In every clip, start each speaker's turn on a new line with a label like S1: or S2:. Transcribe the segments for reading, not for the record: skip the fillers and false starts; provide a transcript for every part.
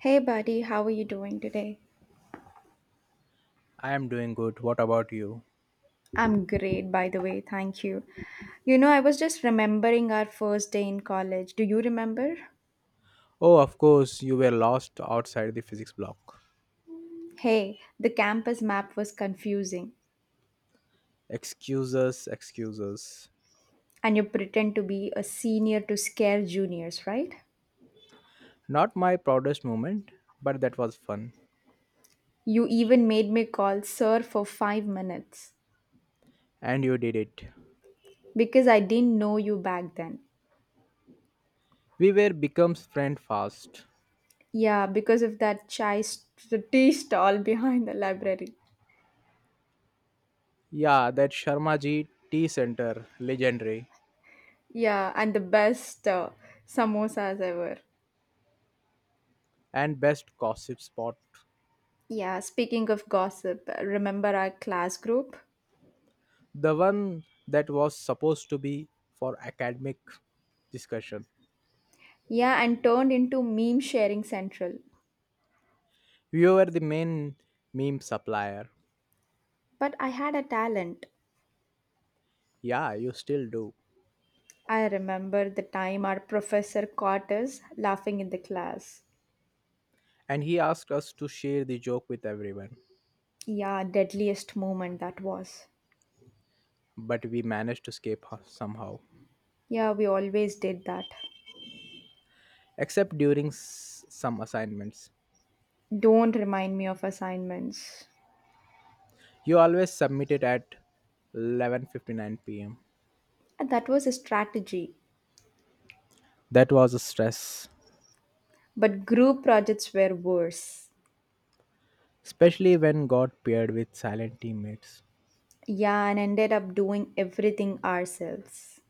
S1: Hey, buddy, how are you doing today?
S2: I am doing good. What about you?
S1: I'm great, by the way, thank you. You know, I was just remembering our first day in college. Do you remember?
S2: Oh, of course, you were lost outside the physics block.
S1: Hey, the campus map was confusing,
S2: Excuses, excuses.
S1: and you pretend to be a senior to scare juniors, right?
S2: Not my proudest moment, but that was fun.
S1: You even made me call sir for 5 minutes
S2: And you did it.
S1: because I didn't know you back then.
S2: We were becomes friend fast.
S1: Yeah, because of that tea stall behind the library.
S2: Yeah, that Sharma Ji tea center, legendary.
S1: Yeah, and the best samosas ever.
S2: And best gossip spot.
S1: Yeah, speaking of gossip, remember our class group?
S2: The one that was supposed to be for academic discussion.
S1: Yeah, and turned into meme sharing central.
S2: You were the main meme supplier.
S1: But I had a talent.
S2: Yeah, you still do.
S1: I remember the time our professor caught us laughing in the class.
S2: And he asked us to share the joke with everyone.
S1: Yeah, deadliest moment that was.
S2: But we managed to escape somehow,
S1: Yeah, we always did that.
S2: except during some assignments.
S1: Don't remind me of assignments.
S2: You always submitted at 11:59 p.m.
S1: That was a strategy.
S2: That was a stress,
S1: But group projects were worse.
S2: especially when got paired with silent teammates.
S1: Yeah, and ended up doing everything ourselves.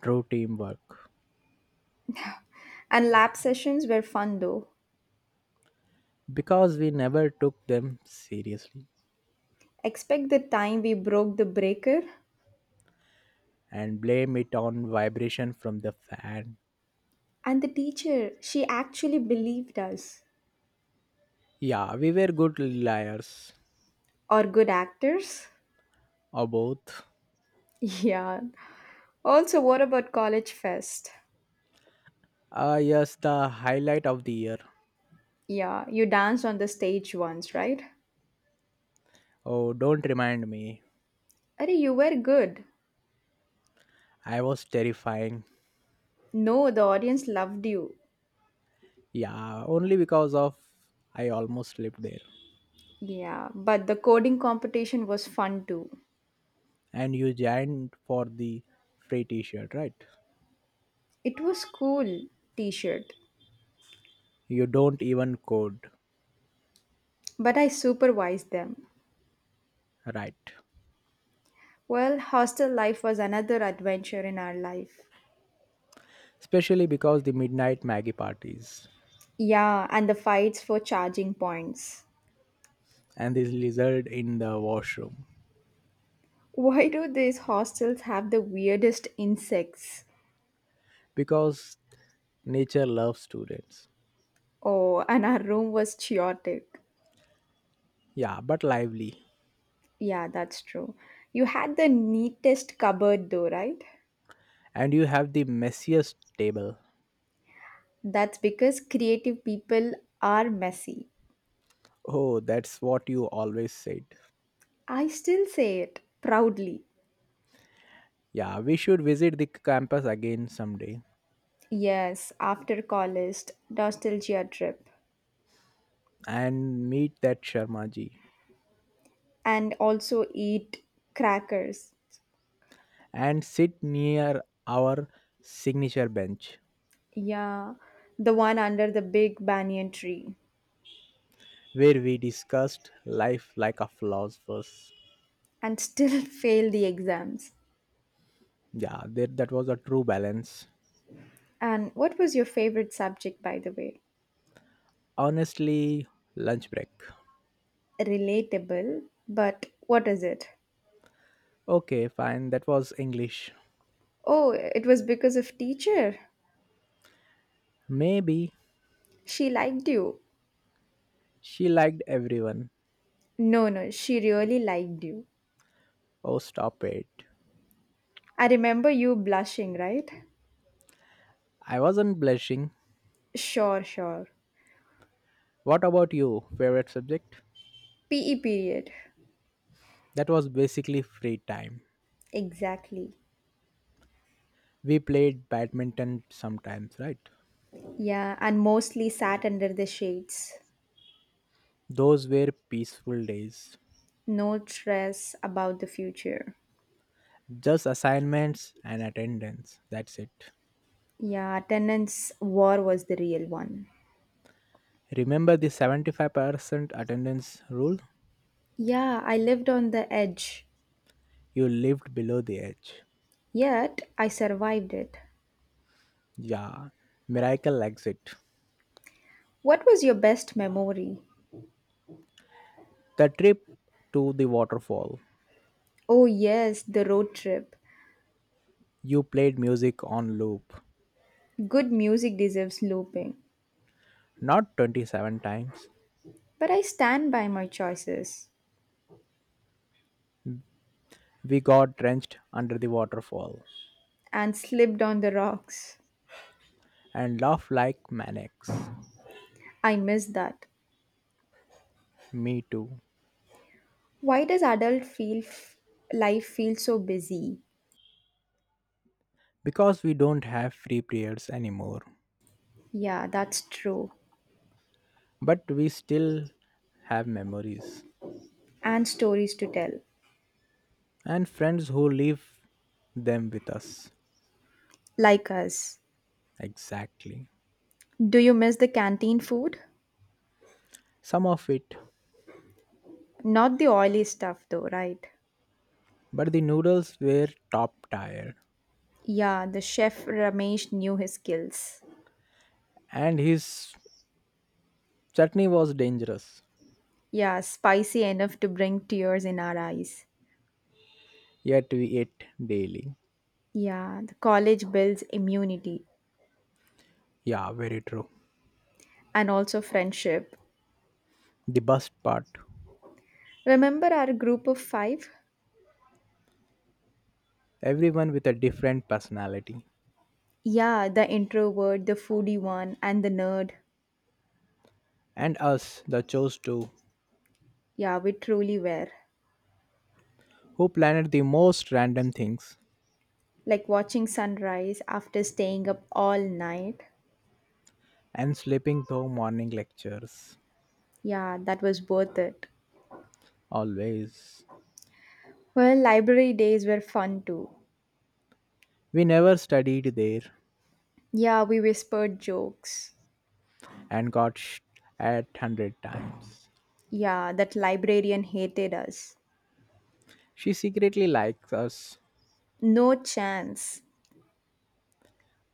S2: True teamwork,
S1: And lab sessions were fun though.
S2: because we never took them seriously
S1: Expect the time we broke the breaker
S2: and blame it on vibration from the fan.
S1: and the teacher, she actually believed us.
S2: Yeah, we were good liars,
S1: Or good actors?
S2: or both.
S1: Yeah. Also, what about college fest?
S2: Ah, yes, the highlight of the year.
S1: Yeah, you danced on the stage once, right?
S2: Oh, don't remind me.
S1: Arey, you were good.
S2: I was terrifying.
S1: No, the audience loved you.
S2: Yeah, only because of I almost slept there.
S1: Yeah, but the coding competition was fun too.
S2: And you joined for the free t-shirt, right?
S1: It was cool t-shirt,
S2: You don't even code,
S1: but I supervised them.
S2: right?
S1: Well, hostel life was another adventure in our life.
S2: Especially because the midnight Maggie parties
S1: Yeah, and the fights for charging points.
S2: and this lizard in the washroom.
S1: Why do these hostels have the weirdest insects?
S2: Because nature loves students.
S1: Oh, and our room was chaotic.
S2: Yeah, but lively.
S1: Yeah, that's true. You had the neatest cupboard though, right?
S2: And you have the messiest table.
S1: That's because creative people are messy.
S2: Oh, that's what you always said.
S1: I still say it proudly.
S2: Yeah, we should visit the campus again someday,
S1: Yes, after college, nostalgia trip.
S2: and meet that Sharma ji
S1: And also eat crackers.
S2: and sit near our signature bench
S1: Yeah, the one under the big banyan tree.
S2: where we discussed life like a philosophers.
S1: And still fail the exams.
S2: Yeah, that was a true balance.
S1: And what was your favorite subject, by the way?
S2: Honestly, lunch break.
S1: Relatable, but what is it?
S2: Okay, fine, that was English.
S1: Oh, it was because of teacher.
S2: Maybe
S1: She liked you.
S2: she liked everyone.
S1: No, no, she really liked you.
S2: Oh, stop it.
S1: I remember you blushing, right?
S2: I wasn't blushing.
S1: Sure, sure.
S2: What about you? Favorite subject?
S1: PE period.
S2: That was basically free time.
S1: Exactly.
S2: We played badminton sometimes, right?
S1: Yeah, and mostly sat under the shades.
S2: Those were peaceful days.
S1: No stress about the future.
S2: Just assignments and attendance. That's it.
S1: Yeah, attendance war was the real one.
S2: Remember the 75% attendance rule?
S1: Yeah, I lived on the edge,
S2: You lived below the edge.
S1: yet I survived it.
S2: Yeah, miracle exit.
S1: What was your best memory?
S2: The trip to the waterfall.
S1: Oh, yes, the road trip.
S2: You played music on loop.
S1: Good music deserves looping.
S2: Not 27 times.
S1: But I stand by my choices
S2: We got drenched under the waterfall
S1: and slipped on the rocks.
S2: and laughed like maniacs.
S1: I miss that.
S2: Me too.
S1: Why does life feel so busy?
S2: Because we don't have free periods anymore,
S1: Yeah, that's true.
S2: but we still have memories
S1: And stories to tell,
S2: and friends who leave them with us.
S1: like us.
S2: Exactly.
S1: Do you miss the canteen food?
S2: Some of it,
S1: Not the oily stuff though, right?
S2: but the noodles were top tier
S1: Yeah, the chef Ramesh knew his skills.
S2: and his chutney was dangerous.
S1: Yeah, spicy enough to bring tears in our eyes.
S2: Yet we ate daily.
S1: Yeah, the college builds immunity
S2: Yeah, very true.
S1: and also friendship.
S2: The best part,
S1: Remember our group of five?
S2: everyone with a different personality,
S1: Yeah, the introvert, the foodie one, and the nerd.
S2: and us, the chose two,
S1: Yeah, we truly were.
S2: who planned the most random things
S1: Like watching sunrise after staying up all night.
S2: and sleeping through morning lectures.
S1: Yeah, that was worth it.
S2: Always.
S1: Well, library days were fun too.
S2: We never studied there,
S1: Yeah, we whispered jokes.
S2: and got at 100 times.
S1: Yeah, that librarian hated us.
S2: She secretly likes us.
S1: No chance.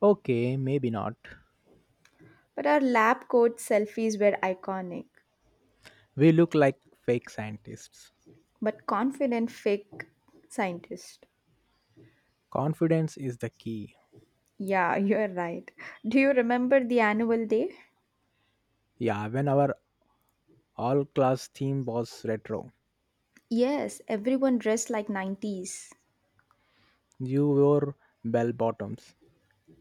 S2: Okay, maybe not.
S1: But our lab coat selfies were iconic.
S2: We look like fake scientists.
S1: But confident fake scientist.
S2: Confidence is the key.
S1: Yeah, you're right. Do you remember the annual day?
S2: Yeah, when our all class theme was retro,
S1: Yes, everyone dressed like 90s.
S2: you wore bell bottoms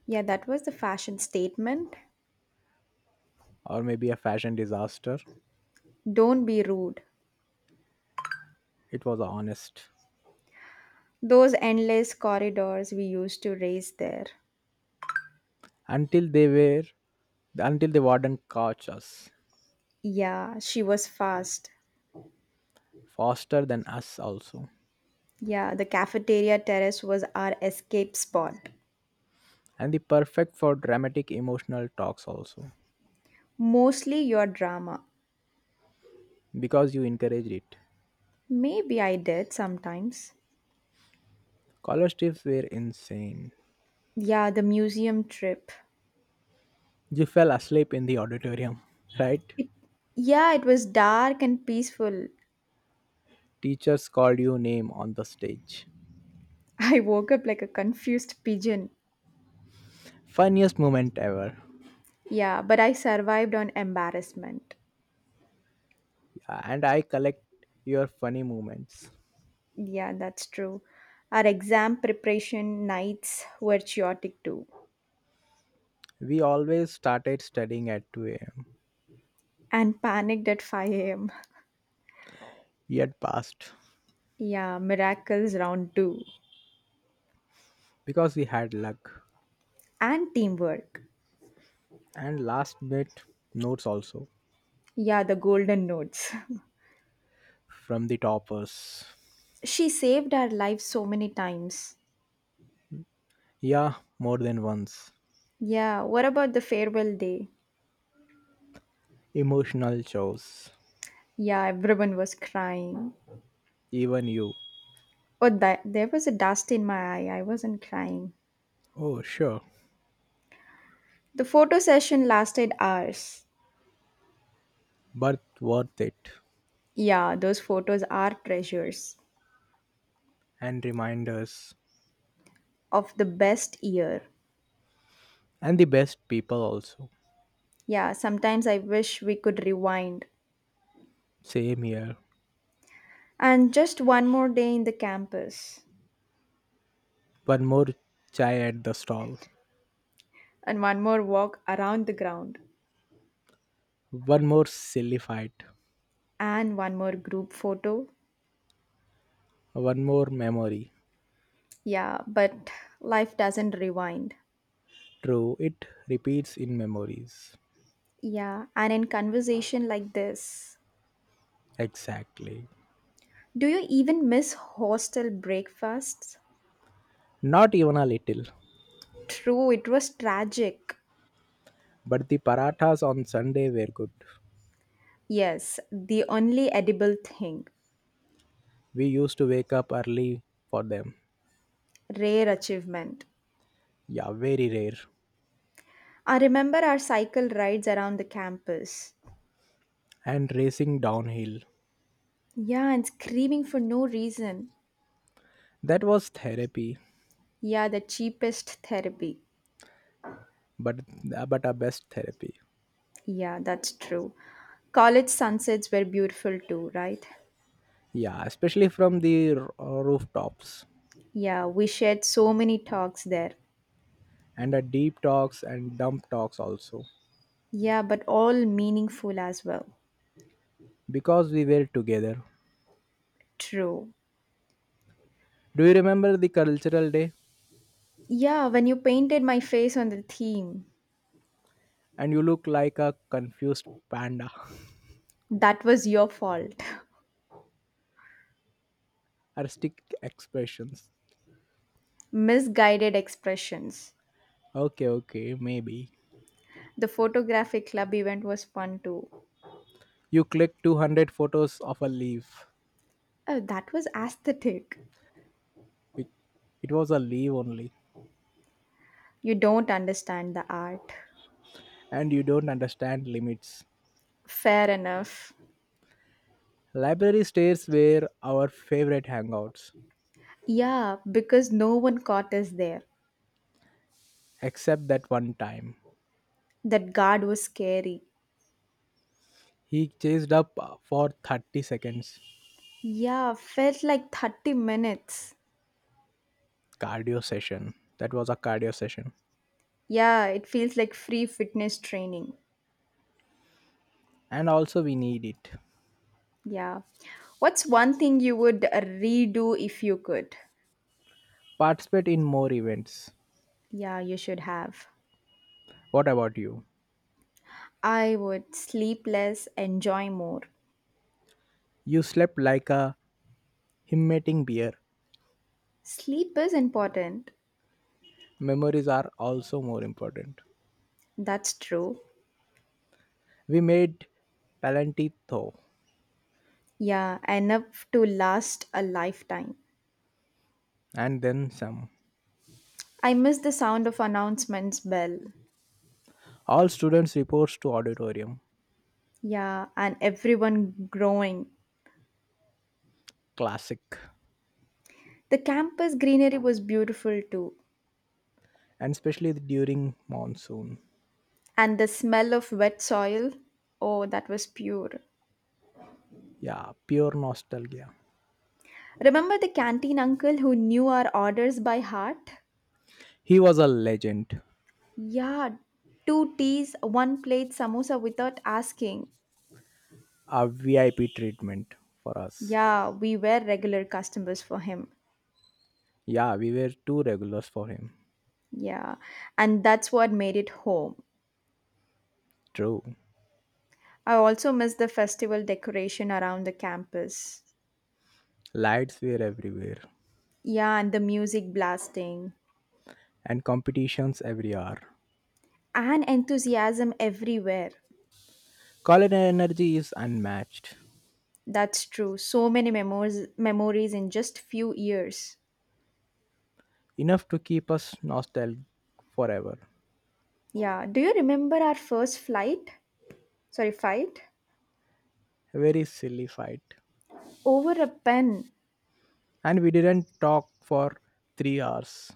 S1: Yeah, that was the fashion statement.
S2: or maybe a fashion disaster.
S1: Don't be rude.
S2: It was honest.
S1: Those endless corridors we used to race there.
S2: Until they were until the warden caught us
S1: Yeah, she was fast.
S2: faster than us also
S1: Yeah, the cafeteria terrace was our escape spot.
S2: and the perfect for dramatic emotional talks also
S1: Mostly your drama.
S2: because you encouraged it.
S1: Maybe I did sometimes.
S2: College trips were insane.
S1: Yeah, the museum trip.
S2: You fell asleep in the auditorium, right?
S1: It, yeah, it was dark and peaceful.
S2: Teachers called your name on the stage.
S1: I woke up like a confused pigeon.
S2: Funniest moment ever.
S1: Yeah, but I survived on embarrassment.
S2: Yeah, and I collect your funny moments.
S1: Yeah, that's true. Our exam preparation nights were chaotic too.
S2: We always started studying at 2 a.m.
S1: And panicked at 5 a.m.
S2: Yet passed
S1: Yeah, miracles round two.
S2: because we had luck.
S1: And teamwork.
S2: And last bit notes also
S1: Yeah, the golden notes.
S2: from the toppers.
S1: She saved our lives so many times.
S2: Yeah, more than once.
S1: Yeah, what about the farewell day?
S2: Emotional chores.
S1: Yeah, everyone was crying.
S2: Even you.
S1: Oh, that, there was a dust in my eye. I wasn't crying.
S2: Oh, sure.
S1: The photo session lasted hours.
S2: But worth it.
S1: Yeah, those photos are treasures
S2: And reminders.
S1: of the best year.
S2: And the best people also.
S1: Yeah, sometimes I wish we could rewind.
S2: Same here.
S1: And just one more day in the campus.
S2: One more chai at the stall.
S1: And one more walk around the ground.
S2: One more silly fight.
S1: And one more group photo.
S2: One more memory.
S1: Yeah, but life doesn't rewind.
S2: True, it repeats in memories.
S1: Yeah, and in conversation like this.
S2: Exactly.
S1: Do you even miss hostel breakfasts?
S2: Not even a little.
S1: True, it was tragic.
S2: But the parathas on Sunday were good.
S1: Yes, the only edible thing.
S2: We used to wake up early for them.
S1: Rare achievement.
S2: Yeah, very rare.
S1: I remember our cycle rides around the campus.
S2: And racing downhill.
S1: Yeah, and screaming for no reason.
S2: That was therapy,
S1: Yeah, the cheapest therapy.
S2: but but a best therapy.
S1: Yeah, that's true. College sunsets were beautiful too, right?
S2: Yeah, especially from the rooftops,
S1: Yeah, we shared so many talks there.
S2: and a deep talks and dump talks also
S1: Yeah, but all meaningful as well.
S2: because we were together.
S1: True.
S2: Do you remember the cultural day?
S1: Yeah, when you painted my face on the theme,
S2: And you look like a confused panda.
S1: that was your fault.
S2: Artistic expressions.
S1: Misguided expressions.
S2: Okay, okay, maybe.
S1: The photographic club event was fun too.
S2: You clicked 200 photos of a leaf.
S1: Oh, that was aesthetic.
S2: It it was a leaf only.
S1: You don't understand the art.
S2: And you don't understand limits.
S1: Fair enough.
S2: Library stairs were our favorite hangouts.
S1: Yeah, because no one caught us there.
S2: Except that one time.
S1: That guard was scary.
S2: He chased up for 30 seconds
S1: Yeah, felt like 30 minutes.
S2: cardio session. That was a cardio session,
S1: Yeah, it feels like free fitness training.
S2: and also we need it.
S1: Yeah. What's one thing you would redo if you could?
S2: Participate in more events.
S1: Yeah, you should have.
S2: What about you?
S1: I would sleep less, enjoy more.
S2: You slept like a himmeting bear.
S1: Sleep is important.
S2: Memories are also more important.
S1: That's true.
S2: We made Palantito
S1: Yeah, enough to last a lifetime.
S2: and then some.
S1: I miss the sound of announcements bell.
S2: All students reports to auditorium.
S1: Yeah, and everyone growing.
S2: Classic.
S1: The campus greenery was beautiful too.
S2: And especially during monsoon.
S1: And the smell of wet soil, oh, that was pure.
S2: Yeah, pure nostalgia.
S1: Remember the canteen uncle who knew our orders by heart?
S2: He was a legend.
S1: Yeah, two teas, one plate samosa without asking.
S2: A VIP treatment for us.
S1: Yeah, we were regular customers for him.
S2: Yeah, we were too regulars for him.
S1: Yeah, and that's what made it home.
S2: True.
S1: I also miss the festival decoration around the campus.
S2: Lights were everywhere,
S1: Yeah, and the music blasting
S2: and competitions every hour.
S1: and enthusiasm everywhere.
S2: College energy is unmatched,
S1: That's true. So many memories in just few years.
S2: enough to keep us nostalgic forever.
S1: Yeah, do you remember our first fight?
S2: A very silly fight.
S1: Over a pen.
S2: And we didn't talk for 3 hours.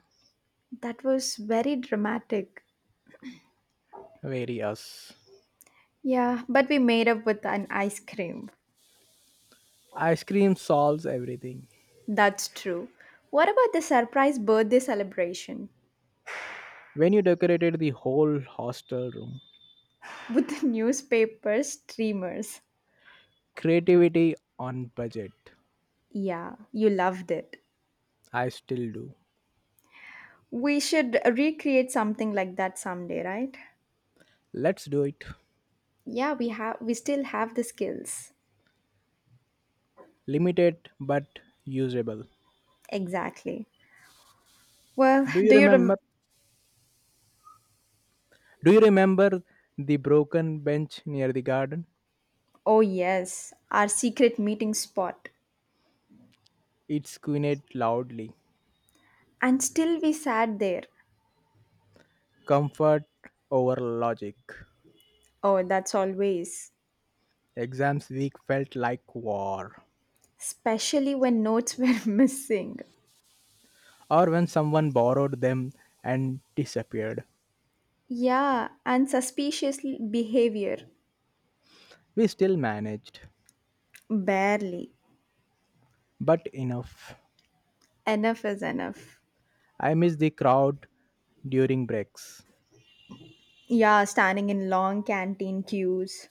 S1: That was very dramatic.
S2: Very us.
S1: Yeah, but we made up with an ice cream.
S2: Ice cream solves everything.
S1: That's true. What about the surprise birthday celebration
S2: When you decorated the whole hostel room,
S1: with the newspaper streamers?
S2: creativity on budget.
S1: Yeah, you loved it.
S2: I still do.
S1: We should recreate something like that someday, right?
S2: Let's do it.
S1: Yeah, we still have the skills.
S2: Limited but usable.
S1: Exactly. Well,
S2: Do you remember? Do you remember the broken bench near the garden?
S1: oh yes, our secret meeting spot.
S2: It squinted loudly.
S1: And still we sat there.
S2: Comfort over logic.
S1: Oh, that's always,
S2: Exams week felt like war.
S1: especially when notes were missing.
S2: Or when someone borrowed them and disappeared.
S1: Yeah, and suspicious behavior.
S2: We still managed.
S1: Barely.
S2: But enough.
S1: Enough is enough.
S2: I miss the crowd during breaks.
S1: Yeah, standing in long canteen queues.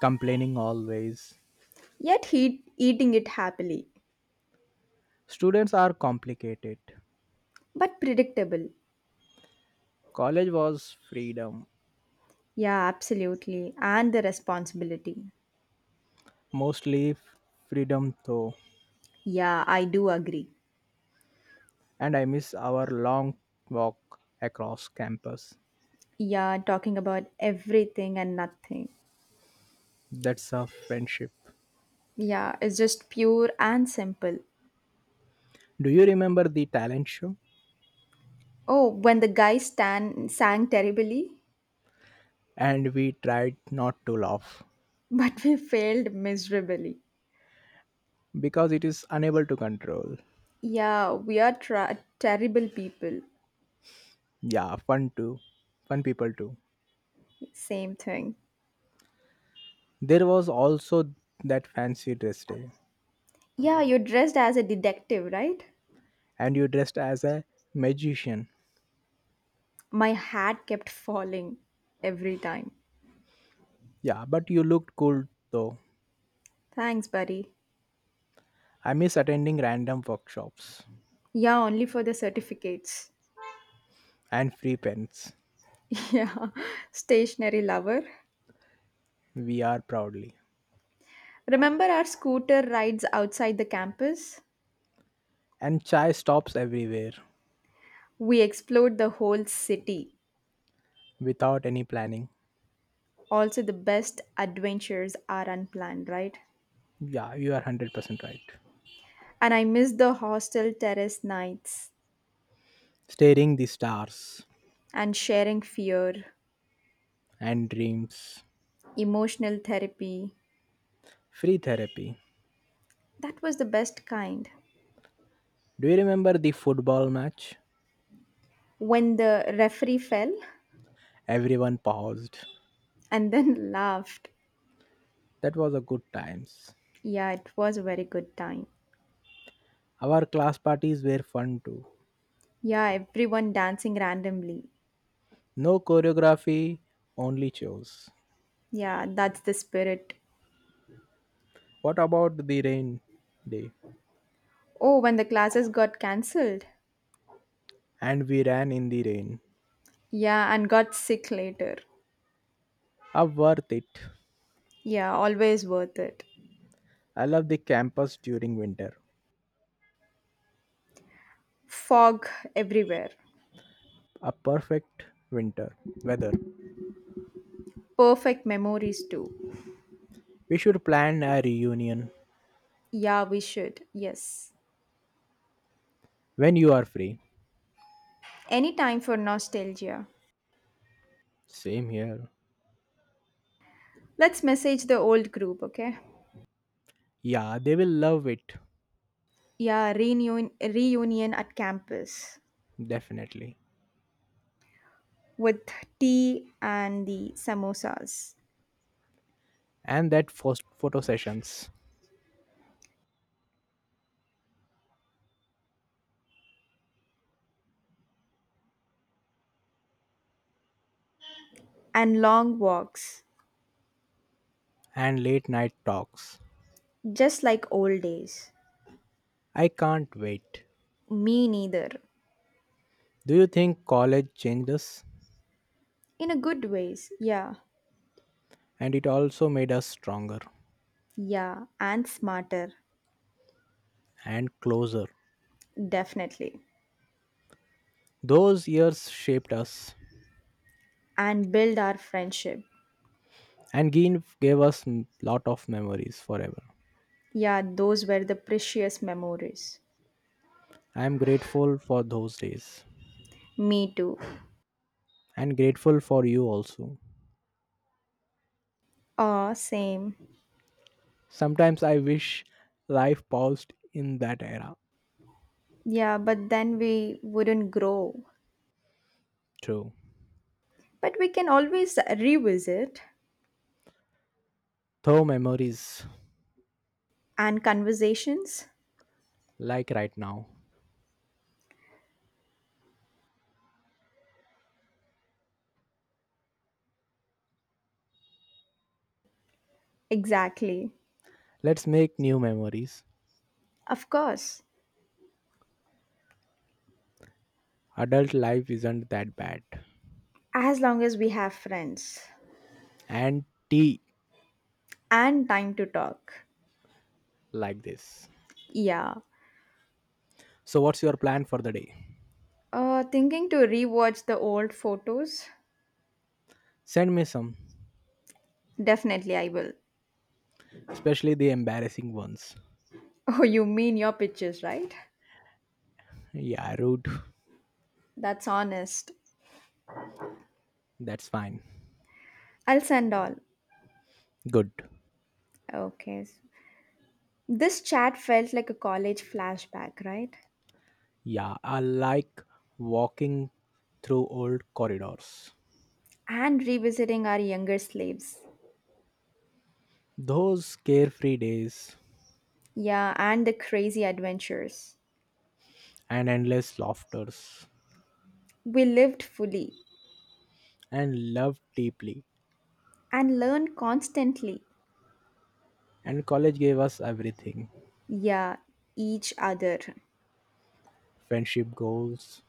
S2: Complaining always.
S1: Yet he eating it happily.
S2: Students are complicated.
S1: But predictable.
S2: College was freedom.
S1: Yeah, absolutely. And the responsibility.
S2: Mostly freedom though.
S1: Yeah, I do agree.
S2: And I miss our long walk across campus.
S1: Yeah, talking about everything and nothing.
S2: That's a friendship.
S1: Yeah, it's just pure and simple.
S2: Do you remember the talent show?
S1: Oh, when the guy stand sang terribly,
S2: And we tried not to laugh
S1: but we failed miserably.
S2: because it is unable to control.
S1: Yeah, terrible people.
S2: Yeah, fun too. Fun people too.
S1: Same thing.
S2: There was also that fancy dress day,
S1: Yeah, you're dressed as a detective, right?
S2: and you dressed as a magician.
S1: My hat kept falling every time.
S2: Yeah, but you looked cool though.
S1: Thanks, buddy.
S2: I miss attending random workshops
S1: Yeah, only for the certificates.
S2: and free pens.
S1: Yeah, stationary lover.
S2: We are proudly.
S1: Remember our scooter rides outside the campus?
S2: And chai stops everywhere
S1: We explored the whole city.
S2: without any planning.
S1: Also, the best adventures are unplanned, right?
S2: Yeah, you are 100% right.
S1: And I miss the hostel terrace nights
S2: Staring the stars
S1: and sharing fear.
S2: and dreams.
S1: Emotional therapy.
S2: Free therapy.
S1: That was the best kind.
S2: Do you remember the football match?
S1: When the referee fell
S2: Everyone paused.
S1: and then laughed.
S2: That was a good times.
S1: Yeah, it was a very good time.
S2: Our class parties were fun too.
S1: Yeah, everyone dancing randomly.
S2: No choreography, only shows.
S1: Yeah, that's the spirit.
S2: What about the rain day?
S1: Oh, when the classes got cancelled.
S2: And we ran in the rain.
S1: Yeah, and got sick later.
S2: Ah, worth it.
S1: Yeah, always worth it.
S2: I love the campus during winter.
S1: Fog everywhere.
S2: A perfect winter weather.
S1: Perfect memories too.
S2: We should plan a reunion
S1: Yeah, we should. Yes.
S2: when you are free.
S1: Any time for nostalgia.
S2: Same here.
S1: Let's message the old group, okay?
S2: Yeah, they will love it.
S1: Yeah, reunion, reunion at campus
S2: Definitely.
S1: with tea and the samosas
S2: And that first photo sessions
S1: and long walks
S2: and late night talks.
S1: just like old days.
S2: I can't wait.
S1: Me neither.
S2: Do you think college changed us?
S1: In a good ways, yeah.
S2: And it also made us stronger
S1: Yeah, and smarter.
S2: and closer.
S1: Definitely.
S2: Those years shaped us
S1: And build our friendship.
S2: and gave us lot of memories forever.
S1: Yeah, those were the precious memories.
S2: I am grateful for those days
S1: Me too.
S2: and grateful for you also.
S1: Ah, same.
S2: Sometimes I wish life paused in that era.
S1: Yeah, but then we wouldn't grow.
S2: True.
S1: But we can always revisit
S2: Though memories
S1: and conversations.
S2: like right now.
S1: Exactly.
S2: Let's make new memories.
S1: Of course.
S2: Adult life isn't that bad
S1: As long as we have friends
S2: and tea
S1: and time to talk.
S2: like this.
S1: Yeah.
S2: So what's your plan for the day?
S1: Thinking to rewatch the old photos?
S2: Send me some,
S1: Definitely, I will.
S2: especially the embarrassing ones.
S1: Oh, you mean your pictures, right?
S2: Yeah, rude.
S1: That's honest.
S2: That's fine.
S1: I'll send all.
S2: Good.
S1: Okay. This chat felt like a college flashback, right?
S2: Yeah, I like walking through old corridors,
S1: And revisiting our younger slaves.
S2: those carefree days
S1: Yeah, and the crazy adventures.
S2: and endless laughters
S1: We lived fully
S2: and love deeply
S1: and learned constantly.
S2: and college gave us everything.
S1: Yeah, each other.
S2: Friendship goals.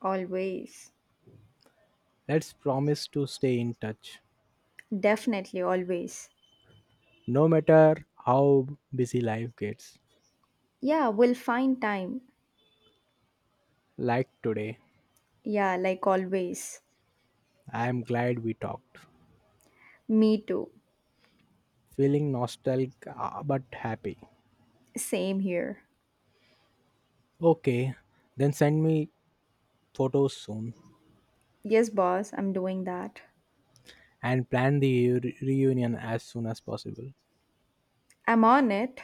S1: Always.
S2: Let's promise to stay in touch
S1: Definitely always.
S2: no matter how busy life gets.
S1: Yeah, we'll find time.
S2: Like today,
S1: Yeah, like always.
S2: I am glad we talked,
S1: Me too.
S2: feeling nostalgic but happy.
S1: Same here.
S2: Okay, then send me photos soon
S1: Yes, boss, I'm doing that.
S2: and plan the reunion as soon as possible.
S1: I'm on it.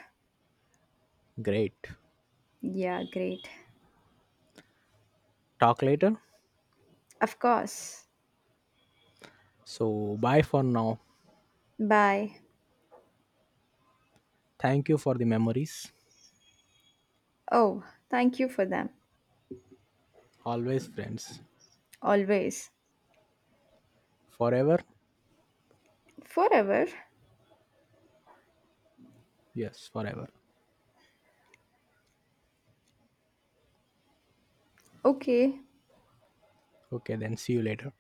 S2: Great.
S1: Yeah, great.
S2: Talk later.
S1: Of course.
S2: So, bye for now.
S1: Bye.
S2: Thank you for the memories.
S1: Oh, thank you for them.
S2: Always friends.
S1: Always.
S2: Forever?
S1: Forever.
S2: Yes, forever.
S1: Okay.
S2: Okay, then see you later.